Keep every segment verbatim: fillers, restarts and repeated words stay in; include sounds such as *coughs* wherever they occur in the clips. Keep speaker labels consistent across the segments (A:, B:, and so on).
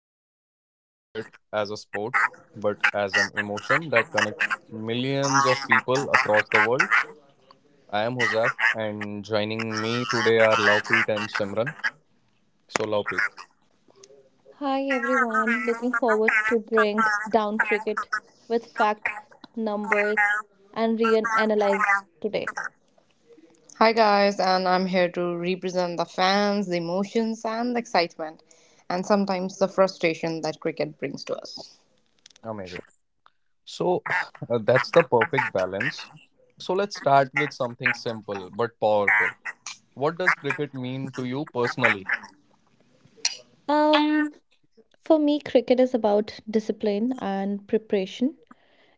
A: just talk about cricket as a sport, but as an emotion that connects millions of people across the world. I am Hosef, and joining me today are Lovepreet and Simran. So, Lovepreet,
B: Hi everyone, looking forward to bring down cricket with fact, numbers, and real analyze today.
C: Hi guys, and I'm here to represent the fans, the emotions, and the excitement, and sometimes the frustration that cricket brings to us.
A: amazing. So, *sighs* uh, that's the perfect balance. So, let's start with something simple but powerful. What does cricket mean to you personally?
B: Um, for me, cricket is about discipline and preparation.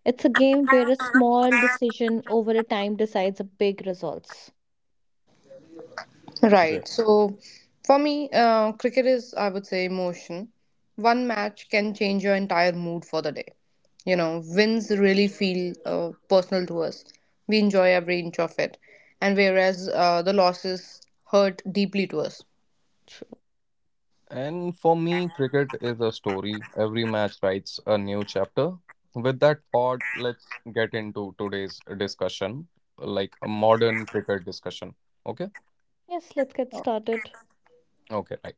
B: It's a game where a small decision over a time decides a big results.
C: Right. So for me, uh, cricket is, I would say, emotion. One match can change your entire mood for the day. You know, wins really feel uh, personal to us. We enjoy every inch of it. And whereas uh, the losses hurt deeply to us.
B: True.
A: And for me, cricket is a story. Every match writes a new chapter. With that thought, let's get into today's discussion, like a modern cricket discussion. Okay?
B: Yes, let's get started.
A: Okay, right.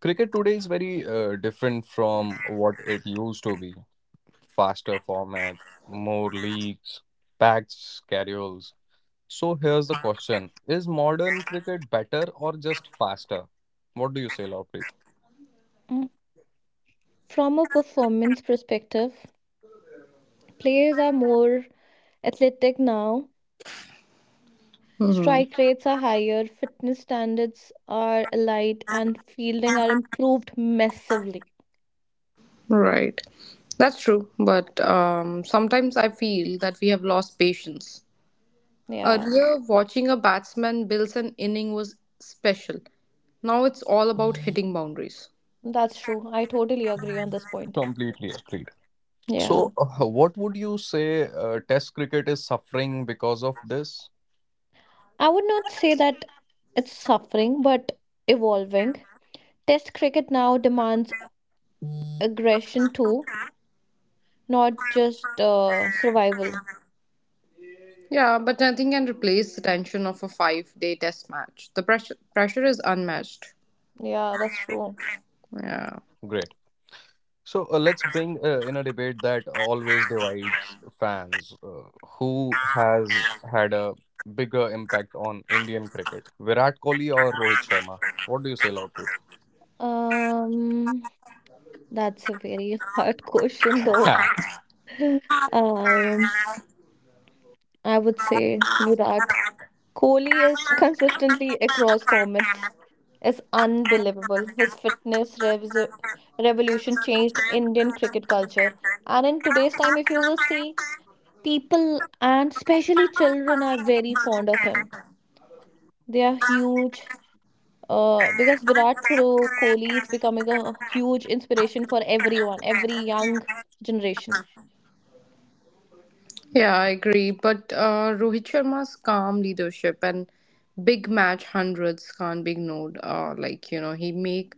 A: Cricket today is very uh, different from what it used to be. Faster format, more leagues, packed schedules. So here's the question. Is modern cricket better or just faster? What do you say, Lovepreet?
B: Mm. From a performance perspective, players are more athletic now.
C: Hmm.
B: Strike rates are higher, fitness standards are elite, and fielding are improved massively.
C: Right. That's true. But um, sometimes I feel that we have lost patience.
B: Yeah,
C: Earlier, watching a batsman build an inning was special. Now it's all about hitting boundaries.
B: that's true. I totally agree on this point.
A: Completely agree.
B: Yeah.
A: So, uh, what would you say uh, Test cricket is suffering because of this?
B: I would not say that it's suffering, but evolving. Test cricket now demands aggression too, not just uh, survival.
C: Yeah, but nothing can replace the tension of a five day test match. The pressure pressure is unmatched.
B: Yeah, that's true.
C: Yeah.
A: Great. So, uh, let's bring uh, in a debate that always divides fans. Uh, who has had a bigger impact on Indian cricket, Virat Kohli or Rohit Sharma? What do you say, Lovepreet?
B: Um, that's a very *laughs* hard question though. *laughs* Um, I would say Virat. Kohli is consistently across formats is unbelievable. His fitness rev- revolution changed Indian cricket culture. And in today's time, if you will see, people and especially children are very fond of him. They are
C: *laughs*
B: huge, uh, because Virat Kohli Kohli is becoming a huge inspiration for everyone, every young generation.
C: Yeah, I agree. But uh, Rohit Sharma's calm leadership and big match hundreds can't be ignored. Uh, like you know, he make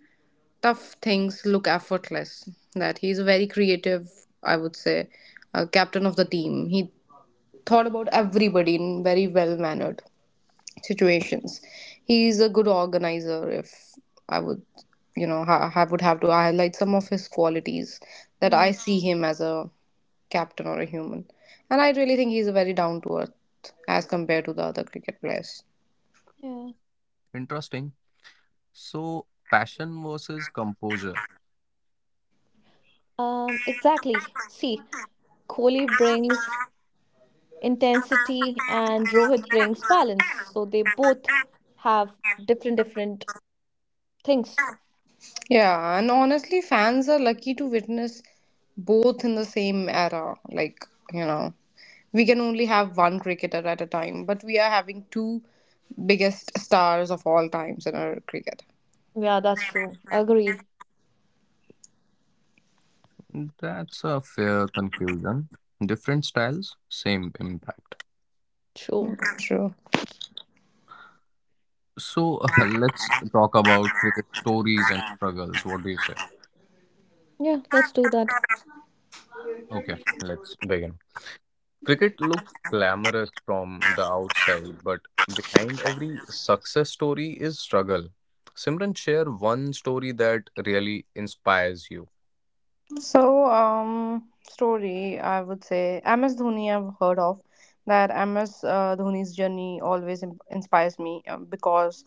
C: tough things look effortless. That he's a very creative, I would say, uh, captain of the team. He thought about everybody in very well mannered situations. He's a good organizer. If I would, you know, ha- I would have to highlight some of his qualities that
B: Mm,
C: I see him as a captain or a human. And I really think he's a very down to earth as compared to the other cricket players.
B: yeah.
A: *laughs* Interesting. So, passion versus composure.
B: Um, exactly. See, Kohli brings intensity and Rohit brings balance. So they both have different different things.
C: Yeah, and honestly, fans are lucky to witness both in the same era. Like, you know, we can only have one cricketer at a time, but we are having two biggest stars of all times in our cricket.
B: Yeah, that's true. Agree.
A: That's a fair conclusion. Different styles, same impact.
C: Mm,
B: True.
C: true.
A: So *laughs* let's talk about cricket stories and struggles. What do you say?
B: Yeah, let's do that.
A: Okay, let's begin. Cricket looks glamorous from the outside, but behind every success story is struggle. Simran, share one story that really inspires you.
C: So, um, story, I would say M S Dhoni, I've heard of that M S uh, Dhoni's journey always im- inspires me uh, because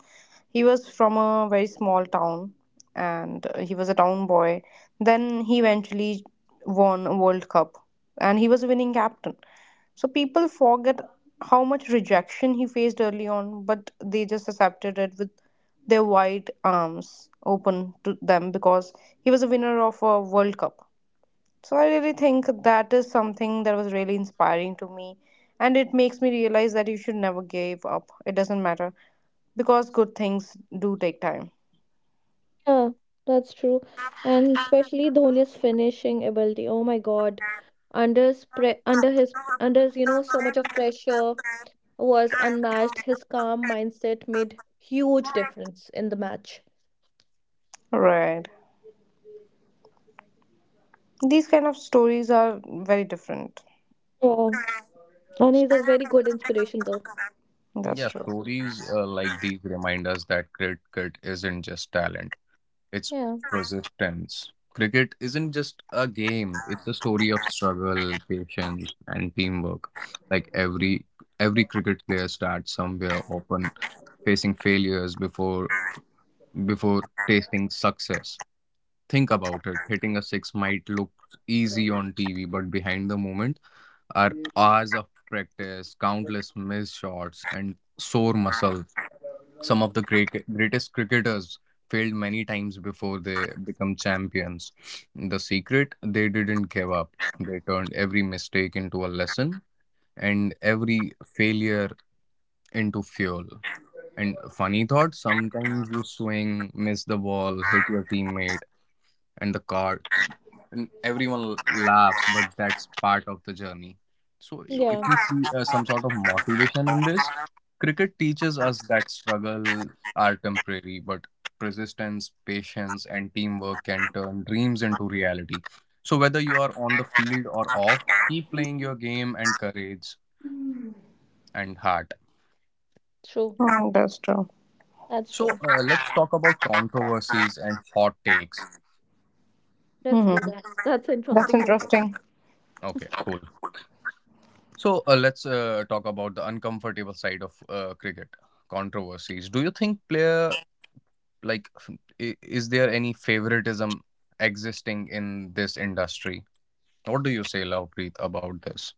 C: he was from a very small town and uh, he was a town boy. Then he eventually won a World Cup and he was a winning captain. So, people forget how much rejection he faced early on, but they just accepted it with their wide arms open to them because he was a winner of a World Cup. So I really think that is something that was really inspiring to me. And it makes me realize that you should never give up. It doesn't matter because good things do take time.
B: Yeah, that's true. And especially Dhoni's finishing ability. Oh my God. Under his pre under his Under his, you know, so much of pressure was unmatched. His calm mindset made huge difference in the match.
C: Right. These kind of stories are very different.
B: Yeah. And he's a very good inspiration though.
C: That's
A: Yeah,
C: true.
A: stories uh, like these remind us that cricket isn't just talent. It's
B: Yeah.
A: persistence. Cricket isn't just a game, it's a story of struggle, patience, and teamwork. Like every every cricket player starts somewhere, often facing failures before before tasting success. Think about it. Hitting a six might look easy on T V, but behind the moment are hours of practice, countless missed shots, and sore muscles. Some of the great greatest cricketers failed many times before they become champions. The secret: they didn't give up. They turned every mistake into a lesson and every failure into fuel. And funny thought, sometimes you swing, miss the ball, hit your teammate and the car, and everyone laughs, but that's part of the journey. so i-
B: Yeah,
A: if we see uh, some sort of motivation in this, cricket teaches us that struggle are temporary, but persistence, patience, and teamwork can turn dreams into reality. So whether you are on the field or off, keep playing your game and courage and heart.
B: true.
C: Mm, that's true.
B: That's
A: So
B: true.
A: uh, let's talk about controversies and hot takes.
B: Let's
C: Hmm.
B: do that. That's an
C: That's
B: interesting topic.
C: interesting.
A: Okay, cool. So uh, let's uh, talk about the uncomfortable side of uh, cricket controversies. Do you think player like f- I- is there any favoritism existing in this industry? What do you say, Lovepreet, about this?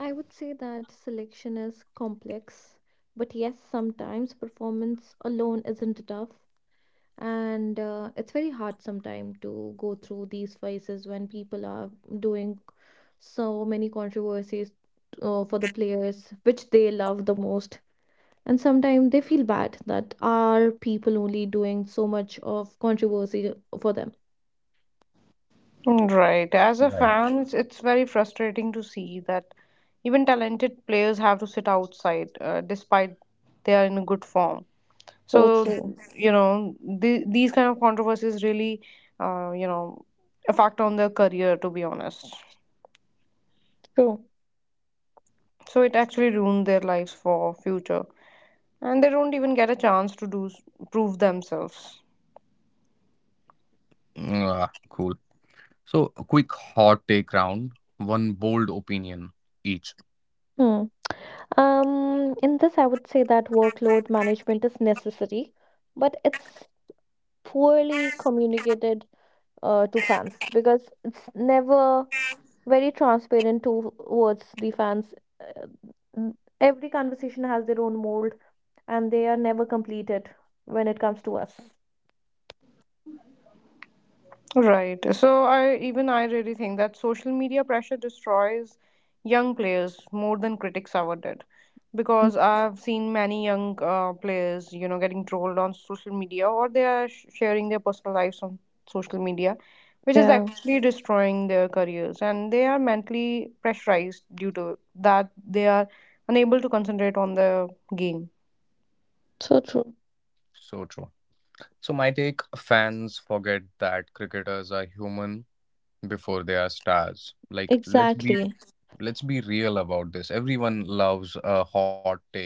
B: I would say that selection is complex, but yes, sometimes performance alone isn't enough. and uh, it's very hard sometimes to go through these phases when people are doing so many controversies uh, for the players which they love the most, and sometimes they feel bad that are people only doing so much of controversy for them.
C: Right. As a
A: Right.
C: fan, it's, it's very frustrating to see that even talented players have to sit outside uh, despite they are in a good form.
B: So
C: So,
B: true.
C: you know, the, these kind of controversies really, uh, you know, affect on their career, to be honest.
B: True.
C: So it actually ruined their lives for future. And they don't even get a chance to do s- prove themselves.
A: Ah, cool. So, a quick hot take round, one bold opinion each.
B: Hmm. Um, in this, I would say that workload management is necessary, but it's poorly communicated uh, to fans because it's never very transparent towards the fans. Uh, n- Every conversation has their own mold, and they are never completed when it comes to us.
C: Right. So I even I really think that social media pressure destroys young players more than critics ever did, because I've seen many young uh, players, you know, getting trolled on social media or they are sh- sharing their personal lives on social media, which is
B: Yeah,
C: actually destroying their careers, and they are mentally pressurized due to that they are unable to concentrate on the game.
B: so true.
A: So true. So, my take: fans forget that cricketers are human before they are stars. Like, let's be
B: Exactly.
A: let's be real about this. Everyone loves a hot take,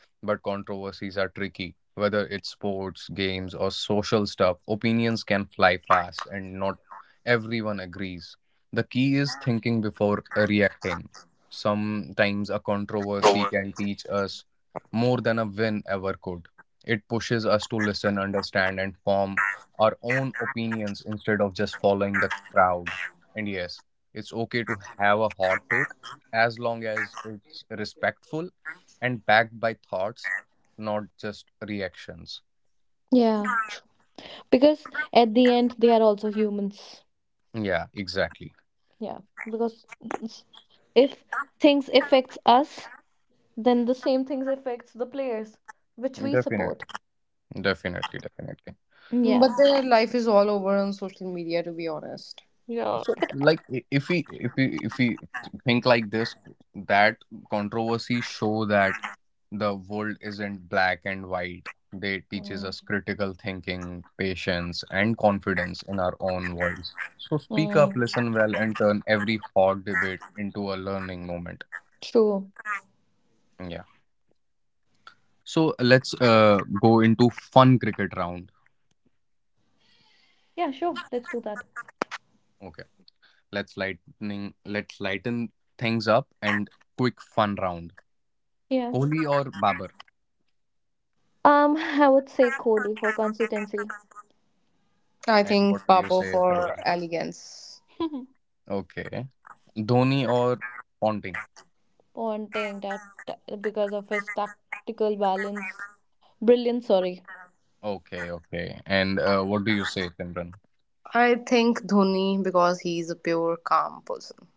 A: but controversies are tricky. Whether it's sports, games, or social stuff, opinions can fly fast and not everyone agrees. The key is thinking before reacting. Sometimes a controversy can teach us more than a win ever could. It pushes us to listen, understand, and form our own opinions instead of just following the crowd. And yes, it's okay to have a hot take as long as it's respectful and backed by thoughts, not just reactions.
B: Yeah, true. Because at the end, they are also humans.
A: Yeah, exactly.
B: Yeah, because s- if things affects us, then the same things affects the players which we support.
A: Definitely. Definitely, definitely.
C: But
B: Yeah.
C: their life is all over on social media, to be honest.
B: Yeah,
A: So
B: but.
A: like I- if we if we if we think like this, that controversy show that the world isn't black and white. They teaches
B: Mm,
A: us critical thinking, patience, and confidence in our own voice. So speak up,
B: mm,
A: listen well, and turn every hot debate into a learning moment.
B: true.
A: Yeah. So let's uh, go into fun cricket round.
B: Yeah, sure. Let's do that.
A: Okay. Let's lightning let's lighten things up and quick fun round.
B: Yeah.
A: Kohli or Babar?
B: Um, *laughs* I would say Kohli for consistency.
C: I
A: And
C: think
A: what do you
C: Papo
A: say,
C: for
A: Simran?
C: elegance.
B: *laughs*
A: Okay. Dhoni or Ponting?
B: Wanting that t- because of his tactical balance, brilliant. Sorry.
A: Okay, okay. And uh, what do you say, Simran?
C: I think Dhoni because he's a pure, calm person.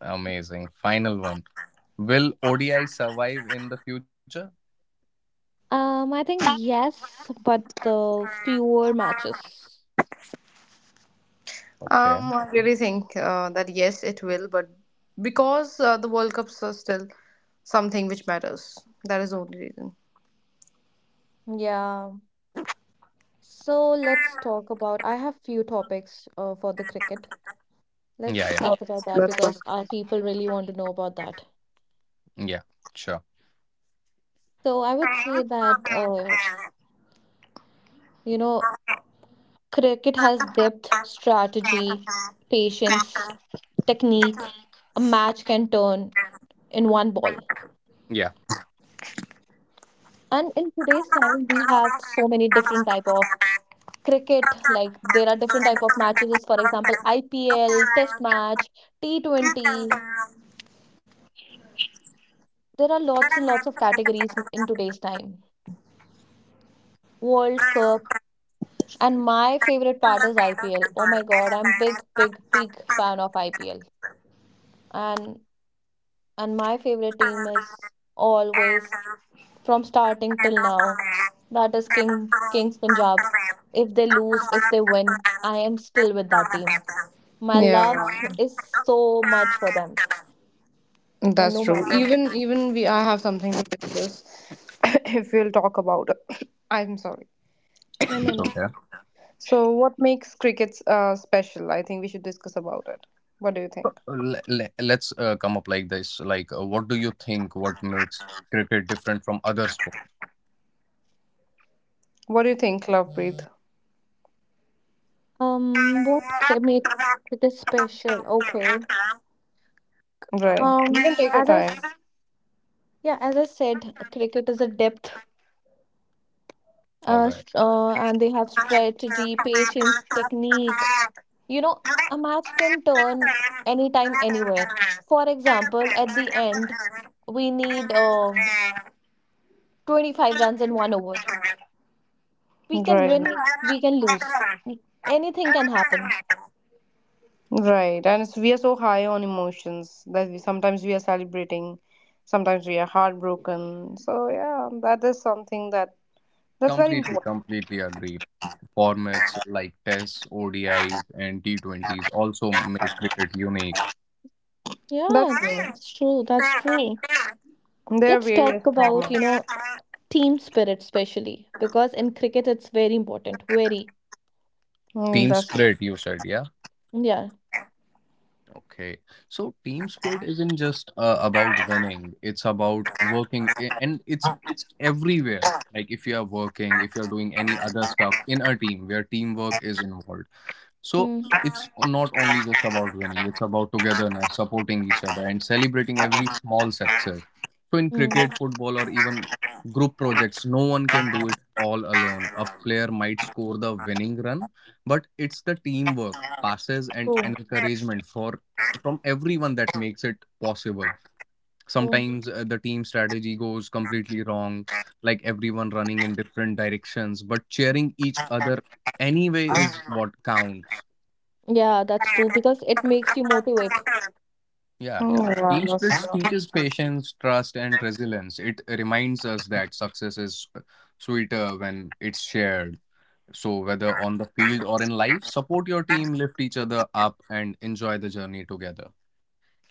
A: Amazing. Final one. Will O D I survive in the future?
B: Um, I think yes, but the fewer matches.
A: Okay.
C: Um, I really think uh, that yes, it will, but because uh, the World Cups are still something which matters. That is the only reason.
B: Yeah. So let's talk about. I have few topics uh, for the cricket. Let's
A: Yeah, yeah.
B: talk
C: Oh,
B: about that
C: that's
B: because our people really want to know about that.
A: Yeah. Sure.
B: So I would say that uh, You know. Cricket has depth, strategy, patience, technique.
C: good.
B: A match can turn in one ball.
A: Yeah.
B: And in today's time, we have so many different type of cricket. Like there are different type of matches. For example, I P L, Test match, T Twenty. There are lots and lots of categories in in today's time. World Cup. And my favorite part is I P L. Oh my God, I'm big, big, big fan of I P L. And and my favorite team is always from starting till now. That is King Kings Punjab. If they lose, if they win, I am still with that team. My love
C: Yeah.
B: is so much for them, and
C: That's
B: no
C: true.
B: matter.
C: Even even we I have something to discuss *coughs* if we'll talk about it. *coughs* I'm sorry.
B: Yeah, no,
A: It's
B: no.
A: okay.
C: So what makes crickets uh special? I think we should discuss about it. What do you
A: So,
C: think?
A: le- le- Let's uh, come up like this. Like, uh, what do you think? What makes cricket different from other sports?
C: What do you think, Lovepreet?
B: Um, what cri- make cricket special? Okay.
C: Right. You
B: Um,
C: can take your
B: as I
C: time.
B: s- yeah, as I said, cricket is a depth
A: All
B: uh,
A: right.
B: st- uh, and they have strategy, patience, technique. You know, a match can turn anytime, anywhere. For example, at the end, we need uh,
C: *laughs*
B: twenty-five runs in one over. We can
C: Right.
B: win, we can lose. N- Anything can happen.
C: Right. And it's, we are so high on emotions that we sometimes we are celebrating, sometimes we are heartbroken. So yeah, that is something that that's very
A: Completely,
C: important.
A: completely agreed. Formats like Tests, O D Is, and T twenties also make cricket unique.
B: Yeah,
C: That's me.
B: it's true. That's true.
C: There are
B: Let's
C: various
B: talk about,
C: traumas.
B: you know, team spirit, especially because in cricket it's very important. Very.
C: Mm,
A: Team
C: that's.
A: spirit, you said, yeah?
B: Yeah.
A: Okay. So team spirit isn't just uh, about winning. It's about working, I- and it's it's everywhere. Like if you are working, if you're doing any other stuff in a team where teamwork is involved. So
B: Mm,
A: it's not only just about winning, it's about togetherness, supporting each other, and celebrating every small success. So in
B: mm,
A: cricket, football, or even group projects, no one can do it all alone. A player might score the winning run, but it's the teamwork, passes, and
B: true.
A: encouragement for from everyone that makes it possible.
B: True.
A: Sometimes uh, the team strategy goes completely wrong, like everyone running in different directions, but cheering each other anyway is what counts.
B: Yeah, that's true because it makes you motivate.
A: Yeah,
C: Mm,
A: yeah. Team
C: yeah, that's
A: spirits
C: true.
A: teaches patience, trust, and resilience. It reminds us that success is sweeter when it's shared. So, whether on the field or in life, support your team, lift each other up, and enjoy the journey together.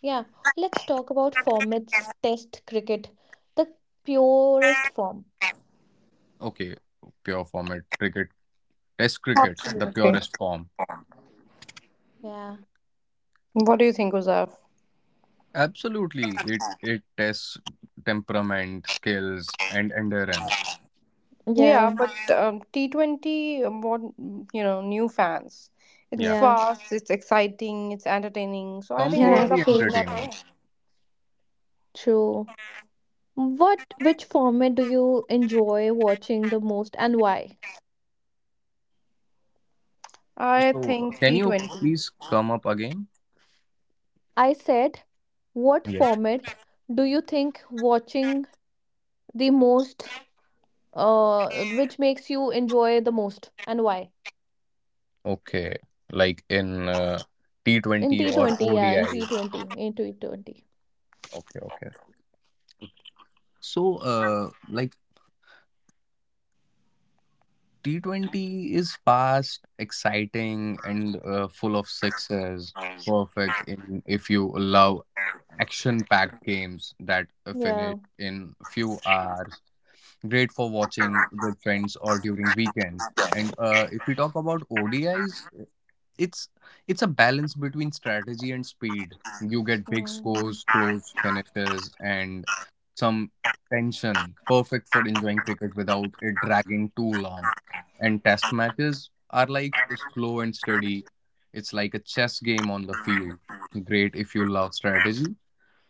B: Yeah, let's talk about formats test cricket, the purest form.
A: Okay, pure format cricket, test cricket, the
C: Absolutely.
A: purest form.
B: Yeah.
C: What do you think, Uzaf?
A: Absolutely, it it tests temperament, skills, and endurance.
B: Yeah,
C: Yeah, but um, T twenty, um, what you know, new fans. It's
A: Yeah,
B: yeah,
C: fast, it's exciting, it's entertaining. So I think
B: yeah,
C: World
A: completely
C: Cup.
B: true,
C: will-
A: entertaining.
B: true. What, which format do you enjoy watching the most and why?
C: I
A: So,
C: think
A: can you
C: T twenty.
A: please come up again?
B: I said, what
A: Yeah.
B: format do you think watching the most, uh, which makes you enjoy the most and why?
A: Okay, like in uh,
B: In
A: T twenty or
B: T twenty, yeah, in
A: O D I.
B: T twenty, in T twenty.
A: Okay, okay. So, uh, like T twenty is fast, exciting, and uh, full of sixes. Perfect in if you love action-packed games that uh, finish
B: Yeah.
A: in few hours. Great for watching with friends or during weekends. And uh, if we talk about O D Is, it's it's a balance between strategy and speed. You get big
B: Mm.
A: scores, close finishes, and some tension. Perfect for enjoying cricket without it dragging too long. And test matches are like slow and steady. It's like a chess game on the field. Great if you love strategy,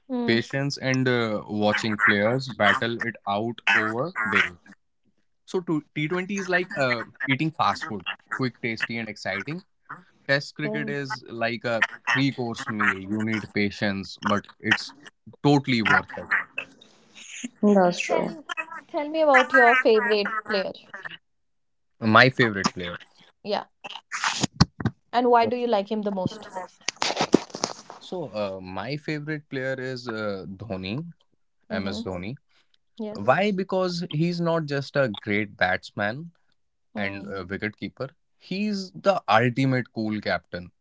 B: Hmm.
A: patience, and uh, watching players battle it out over days. So to- T twenty is like uh, eating fast food, quick, tasty, and exciting. Test cricket
B: Yeah.
A: is like a three course meal. You need patience, but it's totally worth it.
C: That's true.
B: Tell tell me about your favorite player.
A: My favorite player.
B: Yeah. And why
A: Oh.
B: do you like him the most?
A: So uh, my favorite player is uh, Dhoni, M S
B: Mm-hmm.
A: Dhoni.
B: Yes.
A: Why? Because he's not just a great batsman and
B: Mm.
A: uh, wicketkeeper. He's the ultimate cool captain.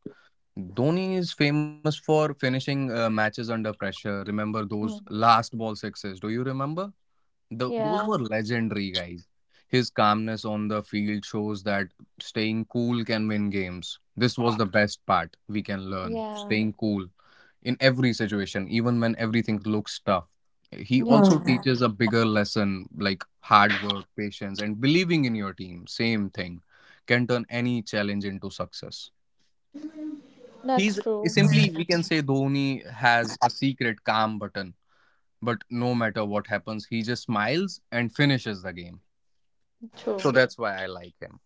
A: Dhoni is famous for finishing uh, matches under pressure. Remember those
B: Mm.
A: last ball sixes? Do you remember? The, those
B: Yeah.
A: were legendary, guys. His calmness on the field shows that staying cool can win games. This was the best part we can learn:
B: Yeah.
A: staying cool in every situation, even when everything looks tough. He
C: Hmm.
B: Yeah.
A: also teaches a bigger lesson, like hard work, patience, and believing in your team. Same thing can turn any challenge into success.
B: That's
A: He's
B: true.
A: simply, we can say, Dhoni has a secret calm button, but no matter what happens, he just smiles and finishes the game. So
B: True.
A: that's why I like him.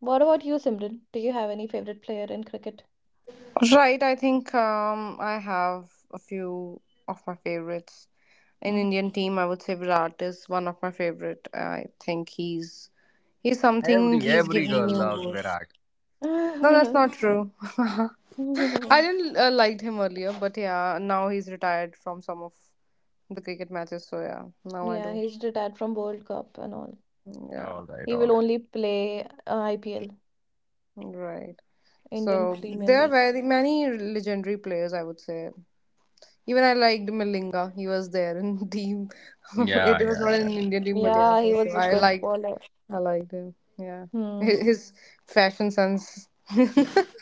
B: What about you, Simran? Do you have any favorite player in cricket?
C: Right, I think um, I have a few of my favorites in
B: Mm-hmm.
C: Indian team, I would say Virat is one of my favorite. I think he's he's something
A: Every
C: he's
A: every girl
C: giving
A: loves
C: you.
A: Virat.
C: No, that's
B: *laughs*
C: not true. *laughs* I didn't uh, liked him earlier, but yeah, now he's retired from some of the cricket matches. So yeah, now I
B: Yeah,
C: do.
B: he's retired from World Cup and all.
C: Yeah,
A: All right,
B: He
A: all
B: will
A: right.
B: only play uh, I P L,
C: right.
B: Indian
C: So
B: Premier
C: there are
B: League.
C: very many legendary players. I would say even I liked Malinga. He was there in team. *laughs*
A: Yeah,
C: it was
A: yeah,
C: not
A: yeah.
C: an Indian team,
A: He
C: but
A: was.
C: yeah,
B: Yeah, he
C: for
B: was
C: sure.
B: a
C: I
B: good
C: liked
B: bowler.
C: I liked him. Yeah, his,
B: Hmm.
C: his fashion sense *laughs*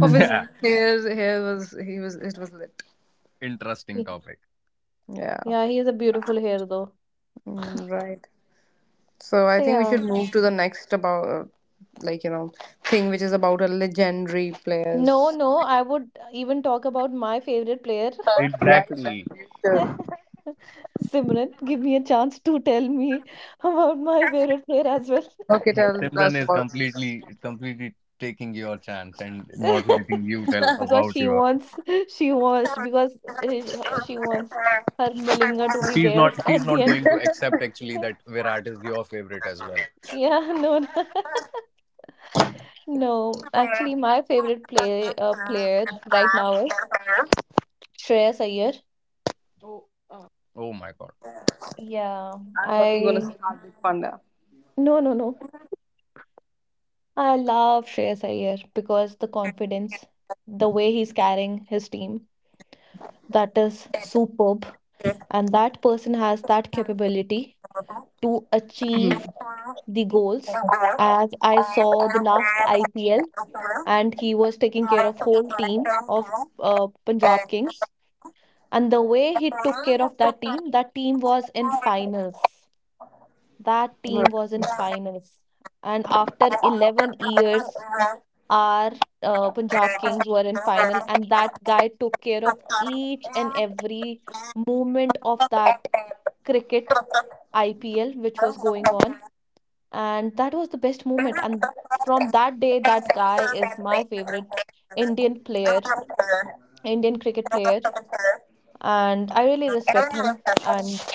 C: of his
A: Yeah,
C: hair hair was he was it was lit.
B: Yeah.
A: interesting topic.
C: Yeah.
B: Yeah, he has a beautiful hair though.
C: Mm, right. So I
B: So
C: think we
B: yeah.
C: should move to the next about uh, like you know thing which is about a legendary
B: No,
C: players.
B: no, I would even talk about my favorite player.
C: Yeah,
A: Exactly.
C: sure.
B: *laughs* Simran, give me a chance to tell me *laughs* about my favorite player as well.
C: Okay,
A: He,
C: tell
A: Simran
C: us
A: is completely completely taking your chance and not
B: *laughs*
A: letting you tell
B: Because
A: about
B: she
A: your.
B: wants, she wants, because she she wants her Malinga to be
A: She's
B: there
A: not. She's
B: at
C: about.
B: the
A: not
B: end.
A: going to accept actually that
B: *laughs*
C: Oh,
A: Virat is
C: uh, I
A: your favorite as well.
B: Yeah, no, no. *laughs* No, actually, my favorite play uh, player right now is Shreyas Iyer.
A: Oh my god.
B: Yeah,
C: thought you were gonna say
B: I.
C: Hardik Pandya.
B: No, no, no. I love Shreyas Iyer because the confidence, the way he's carrying his team, that is superb. And that person has that capability to achieve the goals. As I saw the last I P L, and he was taking care of whole team of uh, Punjab Kings. And the way he took care of that team, that team was in finals. That
A: All
B: team
A: right.
B: was in finals. And after eleven years, our uh, Punjab Kings were in final, and that guy took care of each and every moment of that cricket I P L which
C: No.
B: was going on,
C: *laughs*
B: and that was the best moment. And from that day, that guy is my favorite Indian player, Indian cricket player, and I really respect him. And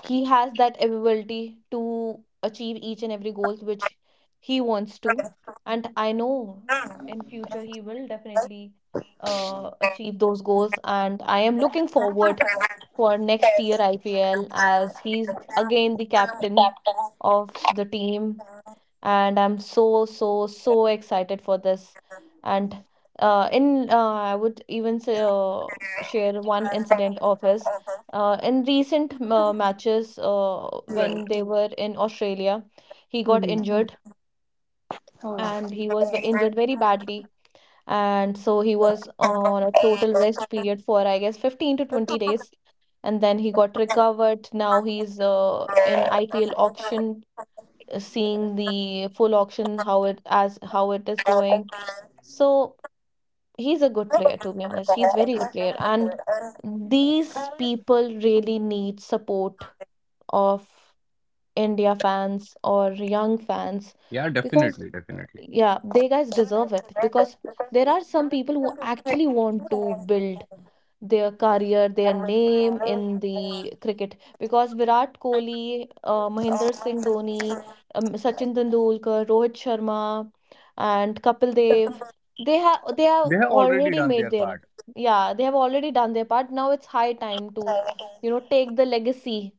B: he has that ability to achieve each and every goal which he wants to, and I know in future he will definitely uh, achieve those goals, and I am looking forward for next year IPL as he's again the captain of the team, and I'm so so so excited for this. And uh, in uh, I would even say, uh, share one incident of his uh, in recent uh, matches uh, when
C: Right.
B: they were in Australia. He got
C: Mm-hmm.
B: injured, and he was ve- injured very badly, and so he was on a total rest period for I guess fifteen to twenty days, and then he got recovered. Now
C: Oh.
B: he's uh, in IPL auction, seeing the full auction how it as how it is going. So he's a good player, to be honest. He's very good player, and these people really need support of India fans or young fans
A: Yeah,
B: because
A: definitely, definitely.
B: yeah, they guys deserve it because there are some people who actually want to build their career, their name in the cricket. Because Virat Kohli, uh, Mahendra Singh Dhoni, um, Sachin Tendulkar, Rohit Sharma, and Kapil Dev, they have they have
A: They have already
B: already
A: done
B: made
A: their
B: their.
A: part.
B: Yeah, they have already done their part. Now it's high time to, you know, take the legacy,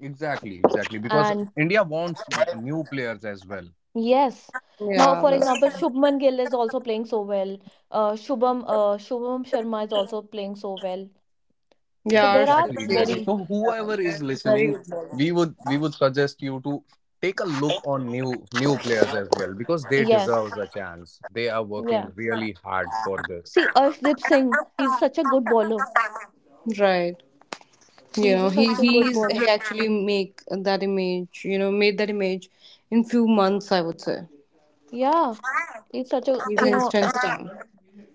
A: Exactly, exactly. Because
B: and
A: India wants n- new players as well.
B: yes. Now,
C: Yeah,
B: for example,
C: the,
B: Shubman Gill is also playing so well. Uh, Shubham, uh, Shubham Sharma is also playing so well.
A: Yeah,
B: So
C: yeah,
B: there are
C: Arshdeep
A: exactly, exactly.
C: Singh,
B: very,
A: So whoever is
C: very
A: listening,
C: good bowler.
A: we would we would suggest you to take a look on new new players as well because they deserve
B: yes.
A: a chance. They are working
B: Yeah.
A: really hard for this.
B: See, Arshdeep Singh, he's such a good bowler.
C: Right. You
B: He's
C: know,
B: a-
C: he
B: such a good
C: he's he
B: bowler.
C: actually make that image. You know, made that image in few months. I would say
B: Yeah, he's such a, you
C: using
B: know,
C: strength
B: s-
C: stone.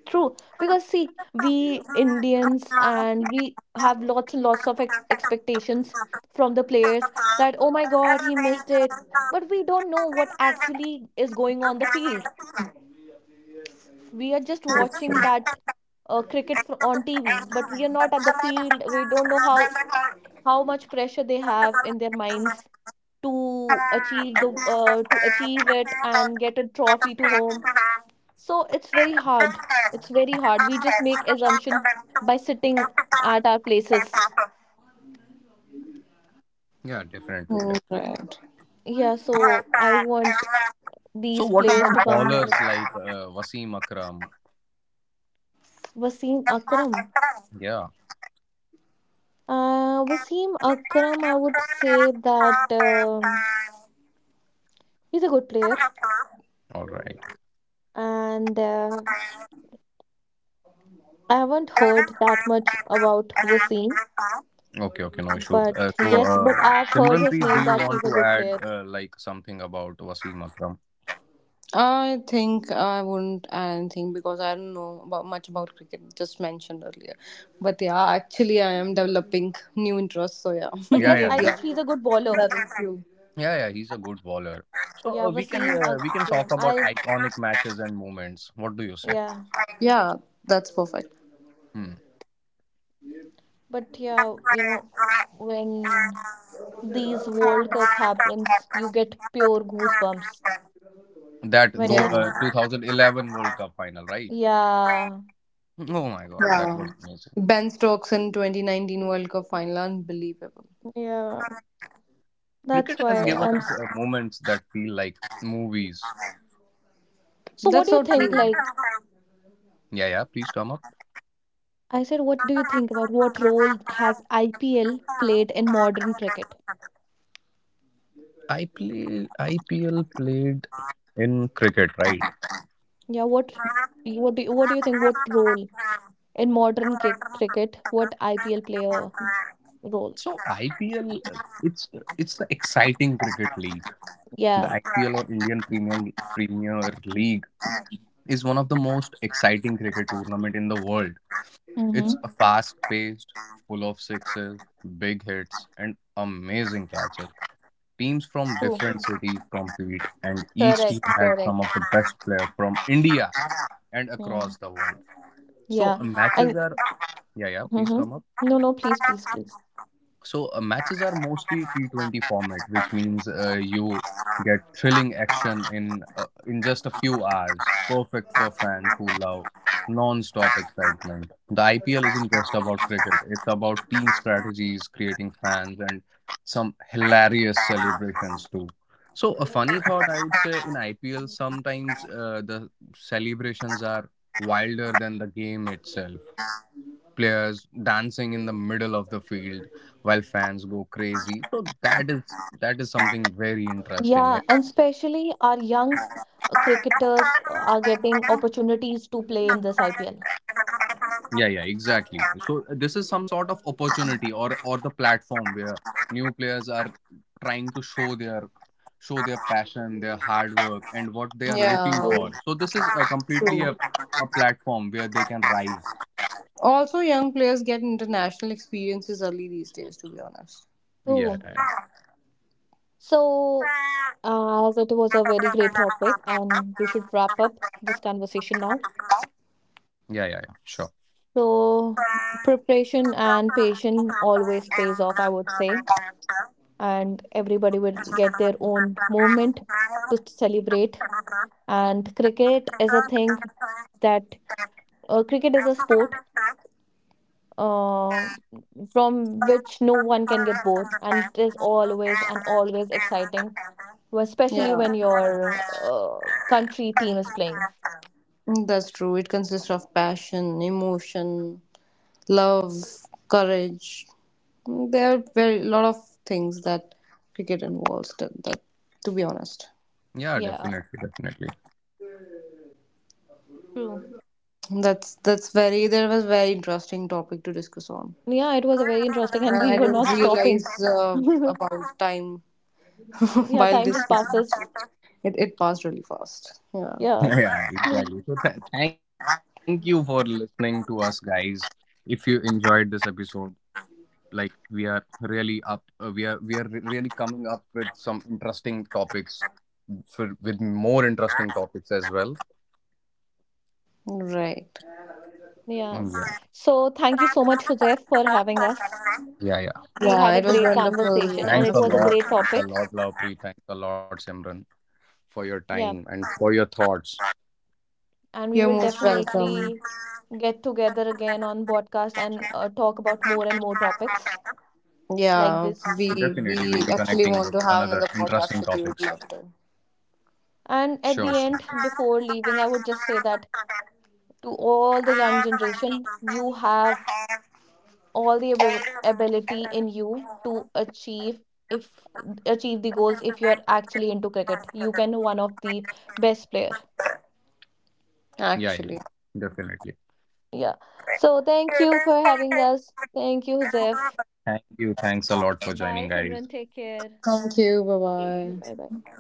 B: true. Because, see, we Indians and we have lots and lots of ex expectations from the players that, oh my God, he missed it. But we don't know what actually is going on the field. We are just watching that uh, cricket fr on T V, but we are not at the field. We don't know how how much pressure they have in their minds to achieve the uh, to achieve it and get a trophy to home. So it's very hard. It's very hard we just make assumption by sitting at our places.
A: Yeah, definitely. Definitely.
B: Yeah, so I want
A: So
B: these
A: what
B: players
A: about
B: to come here.
A: bowlers like uh, Wasim Akram?
B: Wasim Akram.
A: Yeah,
B: uh, Wasim Akram I would say that um
C: Alright. *laughs*
B: he's a good player.
A: all right.
B: And uh, I haven't heard that much about Wasim,
A: Okay, okay, no issues.
B: but
A: Uh, so,
B: yes, but
A: uh,
B: I've heard his
A: Simranpreet, do
B: name
A: you
B: that
A: want
B: he's a
A: to
B: good
A: add
B: player.
A: uh, like something about Wasim Akram?
C: I think I wouldn't add anything because I don't know about much about cricket, just mentioned earlier. But yeah, actually, I am developing new interests, so yeah,
B: But
C: *laughs*
A: Yeah,
B: yes,
A: yeah,
B: I
C: maybe
A: this,
B: guess he's a good bowler.
C: that is you.
A: yeah, yeah. He's a good bowler. So
B: Yeah,
A: uh, we can
B: Wasim
A: uh, we can talk
B: Akram.
A: about
B: I
A: iconic matches and moments. What do you say?
B: yeah,
C: Yeah, that's perfect.
A: Hmm.
B: but yeah, you know, when these World Cup happens, you get pure goosebumps
A: That
B: when
A: though,
B: you're
A: uh,
B: sp-
C: Yeah,
A: two thousand eleven World Cup final, right?
B: yeah,
A: Oh my God, that was
C: yeah.
A: amazing.
C: Ben Stokes in twenty nineteen World Cup final, unbelievable.
B: yeah. That's
A: Cricket has
B: why
A: given
B: I'm
A: us
B: s-
A: uh, moments that feel like movies.
B: So what
C: That's
B: do you
C: so
B: think
C: true.
B: like.
A: Yeah, yeah. Please come up.
B: I said what do you think about what role has I P L played in modern cricket?
A: I play I P L played in cricket, right?
B: Yeah, what what do you, what do you think what role in modern ki- cricket what I P L player role?
A: So I P L, uh, it's it's the exciting cricket league. The
B: Yeah.
A: I P L or Indian Premium Premier League is one of the most exciting cricket tournament in the world. It's
B: Mm-hmm.
A: a fast-paced, full of sixes, big hits, and amazing catches. Teams from
B: True.
A: different cities compete, and each team
B: Correct.
A: has
B: Correct.
A: some of the best players from India and
B: Mm.
A: across the world. So
B: Yeah.
A: uh, matches
B: And
A: are yeah yeah please
B: mm-hmm.
A: come up.
B: No, no, please, please, please.
A: So uh, matches are mostly T twenty format, which means uh, you get thrilling action in uh, in just a few hours, perfect for fans who love non-stop excitement. The I P L isn't just about cricket; it's about team strategies, creating fans, and some hilarious celebrations too. So a funny thought, I would say, in I P L sometimes uh, the celebrations are wilder than the game itself, players dancing in the middle of the field while fans go crazy. So that is, that is something very interesting.
B: Yeah, and especially our young uh, cricketers are getting opportunities to play in this I P L.
A: Yeah, yeah, exactly. So uh, this is some sort of opportunity or or the platform where new players are trying to show their show their passion, their hard work, and what they are
C: Yeah,
A: looking for.
B: True,
A: So this is a completely
C: true.
A: a, a platform where they can rise.
C: Also, young players get international experiences early these days, to be honest.
A: Yeah,
B: true.
A: yeah, yeah,
B: So, uh, as it was a very great topic, and we should wrap up this conversation now.
A: yeah, yeah, yeah. Sure.
B: So, preparation and patience always pays off, I would say. And everybody will get their own moment to celebrate. And cricket is a thing that, uh, cricket is a sport uh, from which no one can get bored, and it is always and always exciting, well, especially
C: Yeah.
B: when your uh, country team is playing.
C: That's true. It consists of passion, emotion, love, courage. There are very lot of things that cricket involves. That, that to be honest,
A: Yeah,
B: Yeah,
A: definitely, definitely.
B: true.
C: that's that's very there was very interesting topic to discuss on.
B: Yeah, it was a very interesting, and we
C: I
B: were
C: didn't
B: not
C: realize
B: stopping. *laughs*
C: uh, about time *laughs*
B: Yeah,
C: while
B: time just
C: discussing.
B: passes.
C: It it passed really fast. Yeah.
A: *laughs*
B: Yeah.
A: Yeah,
B: *laughs*
A: exactly. So th- thank you for listening to us, guys. If you enjoyed this episode, like we are really up, uh, we are we are re- really coming up with some interesting topics for with more interesting topics as well.
C: Right.
B: Yeah.
A: Mm, yeah,
B: So thank you so much, Joseph, for having us.
A: yeah, yeah.
B: We
C: Yeah,
B: had a
C: it was
B: great
C: wonderful.
B: conversation
C: It
B: and
A: Thanks
B: it
A: a
B: was a
C: was.
A: lot.
B: great
A: Thanks a
B: topic.
A: lot, Lavpreet. Thanks a lot, Simran, for your
B: Yeah.
A: time and for your thoughts.
B: And we
C: You're
B: will
C: most welcome.
B: definitely get together again on podcast and uh, talk about more and more topics like
C: Yeah,
B: this.
A: Definitely,
C: we
A: we'll be
C: we
A: connecting with
C: actually want to
A: another
C: have another
A: interesting
C: podcast with you.
A: topics.
C: We'd love to.
B: And
A: Sure,
B: at the
A: sure, sure.
B: end, before leaving, I would just say that to all the young generation, you have all the ab ability in you to achieve if achieve the goals if you are actually into cricket. You can one of the best player.
A: Yeah, yeah,
C: Actually.
A: yeah. Definitely.
B: Yeah. So thank you for having us. Thank you, Zef.
A: Thank you. Thanks a lot for joining,
B: Bye,
A: guys.
B: Simran. Take care.
C: Thank you. Bye
B: Okay. Bye
C: bye.
B: bye.